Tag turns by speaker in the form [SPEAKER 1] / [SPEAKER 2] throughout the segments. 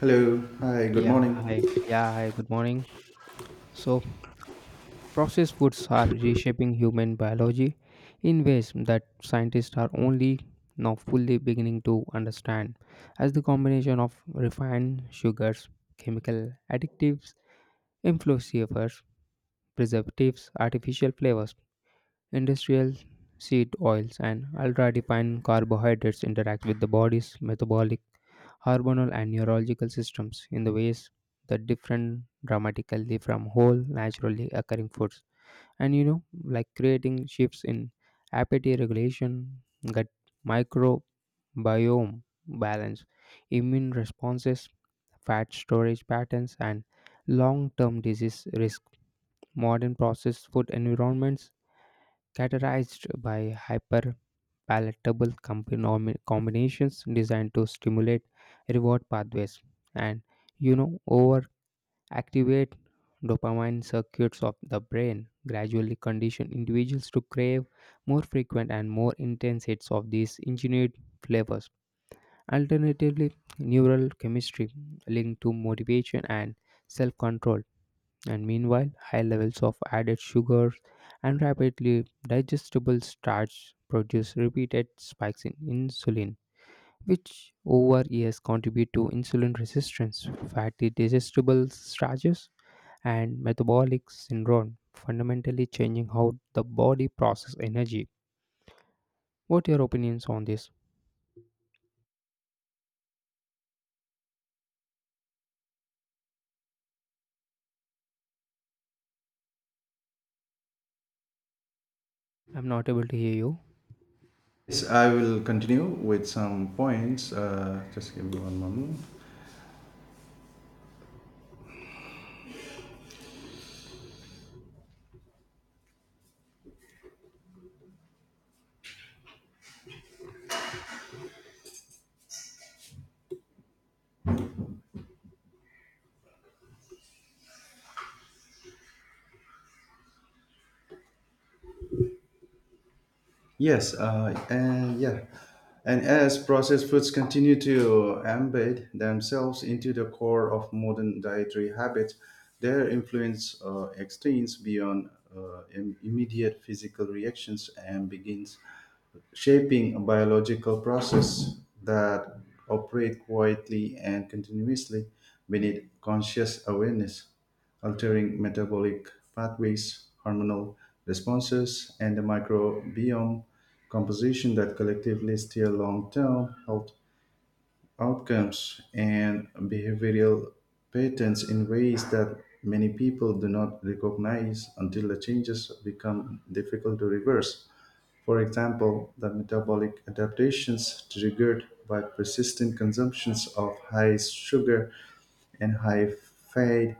[SPEAKER 1] Hello. Hi. Good
[SPEAKER 2] Yeah,
[SPEAKER 1] morning.
[SPEAKER 2] hi. Yeah, hi. Good morning. So, processed foods are reshaping human biology in ways that scientists are only now fully beginning to understand, as the combination of refined sugars, chemical additives, influencers, preservatives, artificial flavors, industrial seed oils, and ultra-refined carbohydrates interact with the body's metabolic hormonal and neurological systems in the ways that different dramatically from whole naturally occurring foods and like creating shifts in appetite regulation, gut microbiome balance, immune responses, fat storage patterns, and long-term disease risk. Modern processed food environments characterized by hyperpalatable palatable combinations designed to stimulate reward pathways and over activate dopamine circuits of the brain gradually condition individuals to crave more frequent and more intense hits of these engineered flavors, alternatively neural chemistry linked to motivation and self control. And meanwhile, high levels of added sugars and rapidly digestible starch produce repeated spikes in insulin, which over years contribute to insulin resistance, fatty digestible starches, and metabolic syndrome, fundamentally changing how the body processes energy. What are your opinions on this? I'm not able to hear you.
[SPEAKER 1] Yes, I will continue with some points. Just give me one moment. Yes. And yeah. And as processed foods continue to embed themselves into the core of modern dietary habits, their influence extends beyond immediate physical reactions and begins shaping a biological process that operate quietly and continuously beneath conscious awareness, altering metabolic pathways, hormonal responses, and the microbiome composition that collectively steer long-term health outcomes and behavioral patterns in ways that many people do not recognize until the changes become difficult to reverse. For example, the metabolic adaptations triggered by persistent consumptions of high sugar and high fat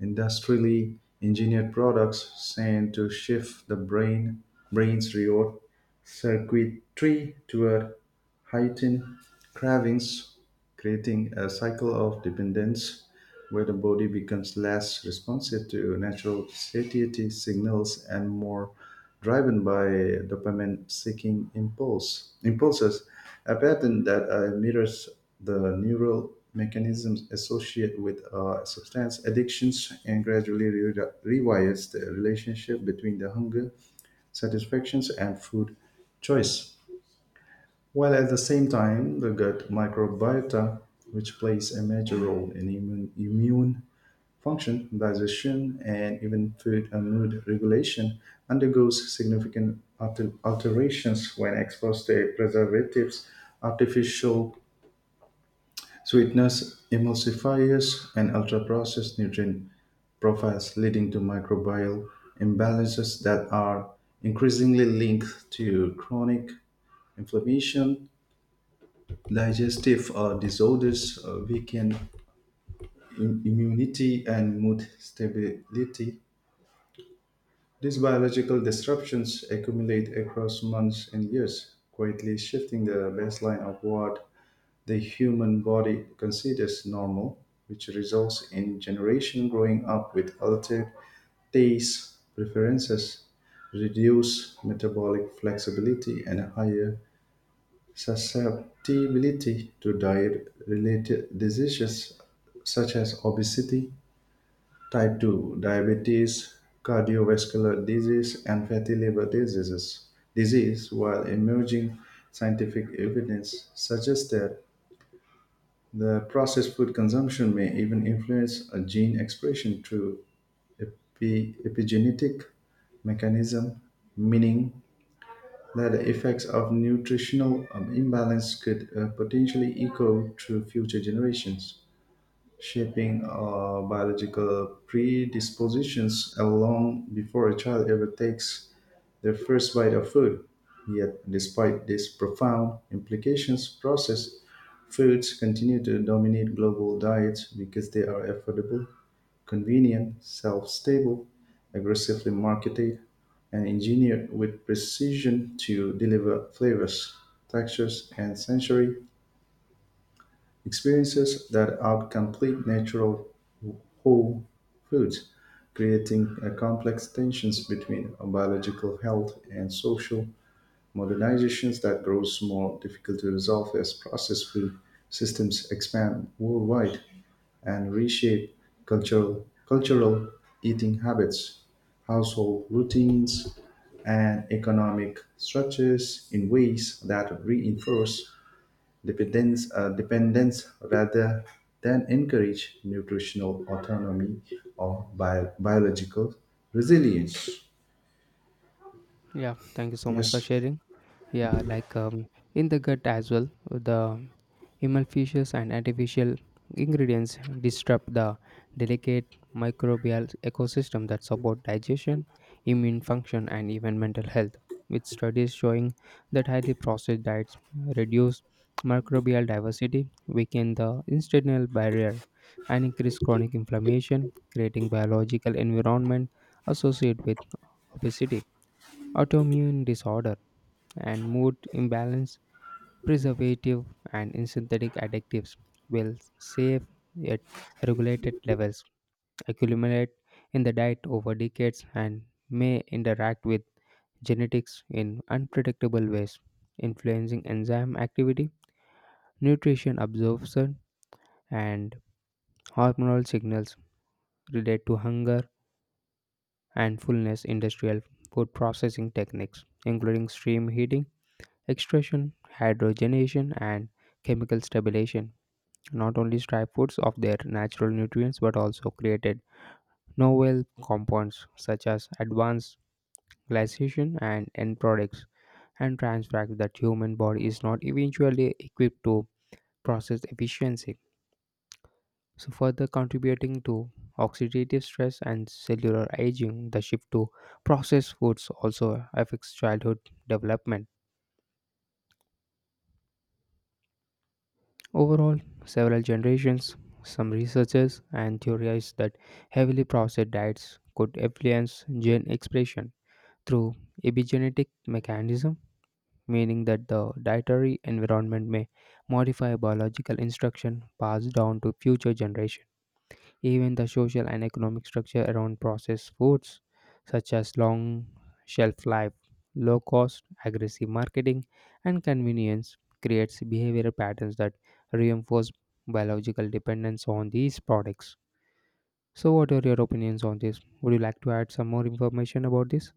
[SPEAKER 1] industrially engineered products seem to shift the brain's reward circuitry toward heightened cravings, creating a cycle of dependence where the body becomes less responsive to natural satiety signals and more driven by dopamine seeking impulse impulses, a pattern that mirrors the neural mechanisms associated with substance addictions and gradually rewires the relationship between the hunger satisfactions and food choice. While at the same time, the gut microbiota, which plays a major role in immune function, digestion, and even food and mood regulation undergoes significant alterations when exposed to preservatives, artificial sweeteners, emulsifiers, and ultra processed nutrient profiles, leading to microbial imbalances that are increasingly linked to chronic inflammation, digestive disorders, weakened immunity, and mood stability. These biological disruptions accumulate across months and years, quietly shifting the baseline of what the human body considers normal, which results in generations growing up with altered tastes, preferences, reduced metabolic flexibility, and higher susceptibility to diet related diseases such as obesity type 2 diabetes, cardiovascular disease, and fatty liver diseases, while emerging scientific evidence suggests that the processed food consumption may even influence a gene expression through epigenetic mechanism, meaning that the effects of nutritional imbalance could potentially echo through future generations shaping biological predispositions long before a child ever takes their first bite of food. Yet, despite these profound implications, processed foods continue to dominate global diets because they are affordable, convenient, self stable, aggressively marketed, and engineered with precision to deliver flavors, textures, and sensory experiences that are complete natural whole foods, creating a complex tensions between biological health and social modernizations that grows more difficult to resolve as processed food systems expand worldwide and reshape cultural eating habits, household routines, and economic structures in ways that reinforce dependence rather than encourage nutritional autonomy or biological resilience.
[SPEAKER 2] Yeah, thank you so much for
[SPEAKER 1] Yes.
[SPEAKER 2] sharing. Yeah, in the gut as well, the emulsifiers and artificial ingredients disrupt the delicate microbial ecosystem that support digestion, immune function, and even mental health. With studies showing that highly processed diets reduce microbial diversity, weaken the intestinal barrier, and increase chronic inflammation, creating biological environment associated with obesity, autoimmune disorder and mood imbalance, preservative, and in synthetic additives will save at regulated levels, accumulate in the diet over decades, and may interact with genetics in unpredictable ways, influencing enzyme activity, nutrition absorption, and hormonal signals related to hunger and fullness. Industrial food processing techniques, including steam heating, extraction, hydrogenation, and chemical stabilization not only stripped foods of their natural nutrients but also created novel compounds such as advanced glycation and end products and trans fats that human body is not eventually equipped to process efficiency, so further contributing to oxidative stress and cellular aging. The shift to processed foods also affects childhood development. Overall, several generations, some researchers and theorize that heavily processed diets could influence gene expression through epigenetic mechanism, meaning that the dietary environment may modify biological instruction passed down to future generations. Even the social and economic structure around processed foods, such as long shelf life, low cost, aggressive marketing, and convenience, creates behavioral patterns that reinforce biological dependence on these products. So, what are your opinions on this? Would you like to add some more information about this?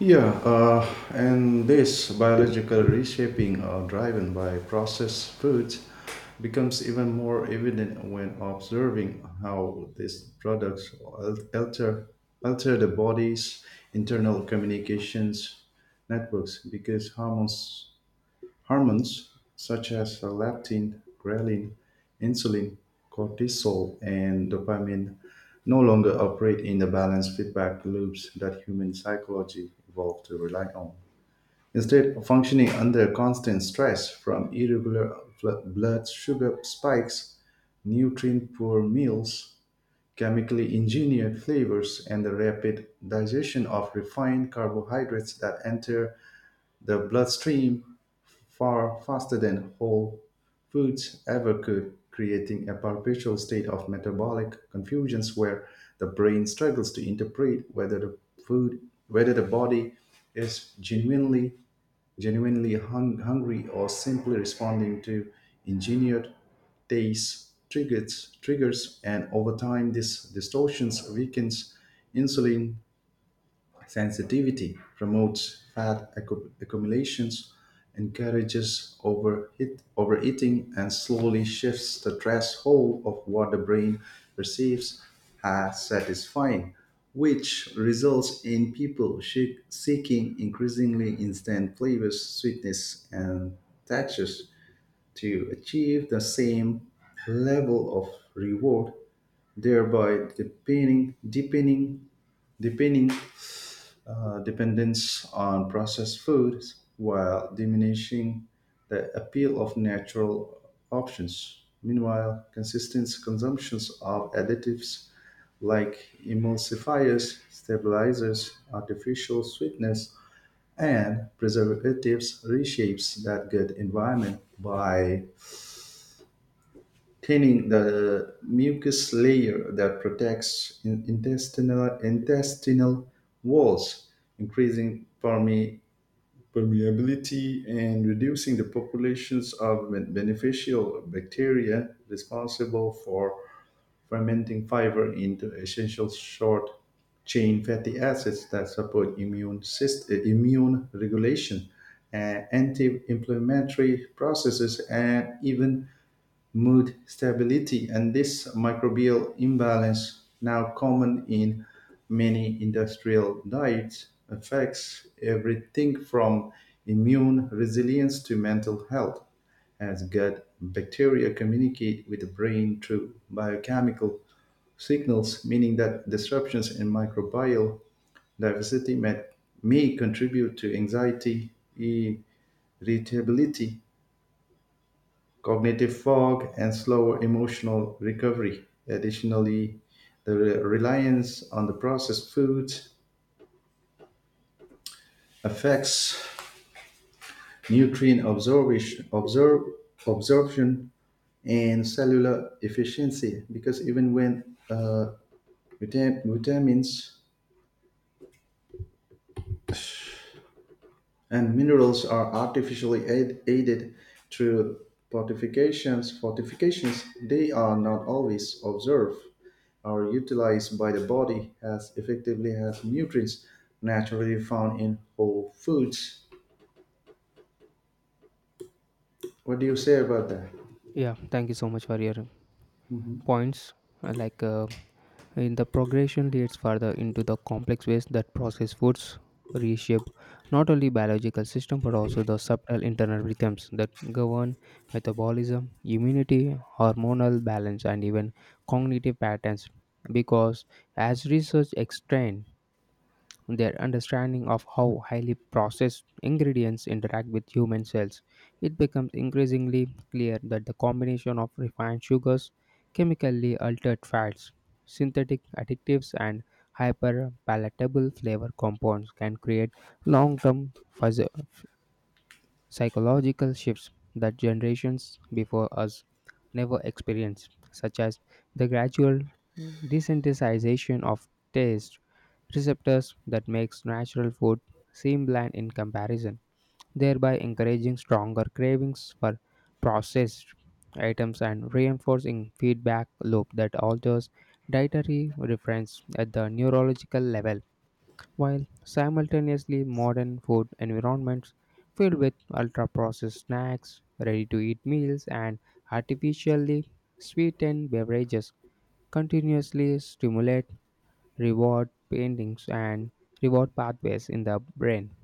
[SPEAKER 1] Yeah, and this biological reshaping driven by processed foods becomes even more evident when observing how these products alter the body's internal communications networks because hormones such as leptin, ghrelin, insulin, cortisol, and dopamine no longer operate in the balanced feedback loops that human psychology evolved to rely on. Instead, functioning under constant stress from irregular blood sugar spikes, nutrient poor meals, chemically engineered flavors, and the rapid digestion of refined carbohydrates that enter the bloodstream far faster than whole foods ever could, creating a perpetual state of metabolic confusions where the brain struggles to interpret whether the food whether the body is genuinely hungry or simply responding to engineered taste triggers and over time this distortions weakens insulin sensitivity promotes fat accumulations, encourages overeating, and slowly shifts the threshold of what the brain perceives as satisfying, which results in people seeking increasingly instant flavors, sweetness, and textures to achieve the same level of reward, thereby deepening dependence on processed foods while diminishing the appeal of natural options. Meanwhile, consistent consumptions of additives like emulsifiers, stabilizers, artificial sweeteners, and preservatives reshapes that gut environment by thinning the mucus layer that protects intestinal walls, increasing permeability and reducing the populations of beneficial bacteria responsible for fermenting fiber into essential short chain fatty acids that support immune system, immune regulation, anti-inflammatory processes, and even mood stability, and this microbial imbalance, now common in many industrial diets, affects everything from immune resilience to mental health, as gut bacteria communicate with the brain through biochemical signals, meaning that disruptions in microbial diversity may contribute to anxiety, irritability, cognitive fog, and slower emotional recovery. Additionally, the reliance on the processed foods affects nutrient absorption and cellular efficiency because even when vitamins and minerals are artificially aided through fortifications, they are not always observed or utilized by the body as effectively as nutrients naturally found in whole foods. What do you say about that?
[SPEAKER 2] Yeah, thank you so much for your
[SPEAKER 1] Mhm.
[SPEAKER 2] points. I like, in the progression leads further into the complex ways that processed foods reshape not only biological system but also the subtle internal rhythms that govern metabolism, immunity, hormonal balance, and even cognitive patterns. Because as research extends their understanding of how highly processed ingredients interact with human cells, it becomes increasingly clear that the combination of refined sugars, chemically altered fats, synthetic additives, and hyperpalatable flavor compounds can create long term psychological shifts that generations before us never experienced, such as the gradual desensitization of taste receptors that makes natural food seem bland in comparison, thereby encouraging stronger cravings for processed items and reinforcing feedback loop that alters dietary reference at the neurological level. While simultaneously modern food environments filled with ultra-processed snacks, ready-to-eat meals, and artificially sweetened beverages continuously stimulate reward paintings and reward pathways in the brain,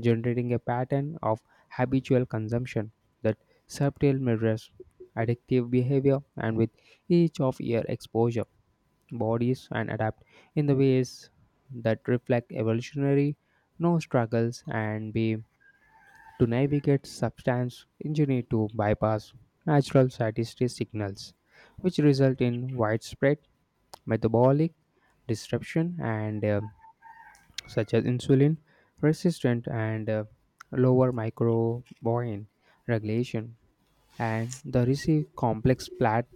[SPEAKER 2] generating a pattern of habitual consumption that subtle mirrors addictive behavior. And with each of your exposure bodies and adapt in the ways that reflect evolutionary no struggles and be to navigate substance engineer to bypass natural satiety signals, which result in widespread metabolic disruption and such as insulin resistant and lower microbiome regulation and the receive complex plat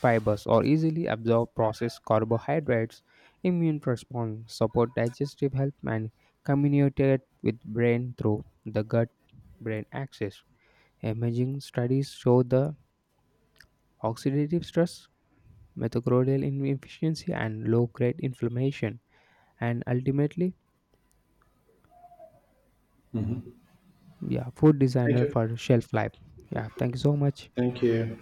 [SPEAKER 2] fibers or easily absorbed processed carbohydrates, immune response, support digestive health, and communicate with brain through the gut brain axis. Imaging studies show the oxidative stress, mitochondrial inefficiency, and low grade inflammation, and ultimately, yeah, food
[SPEAKER 1] Thank
[SPEAKER 2] designer
[SPEAKER 1] you.
[SPEAKER 2] for shelf life. Yeah, thank you so much.
[SPEAKER 1] Thank you.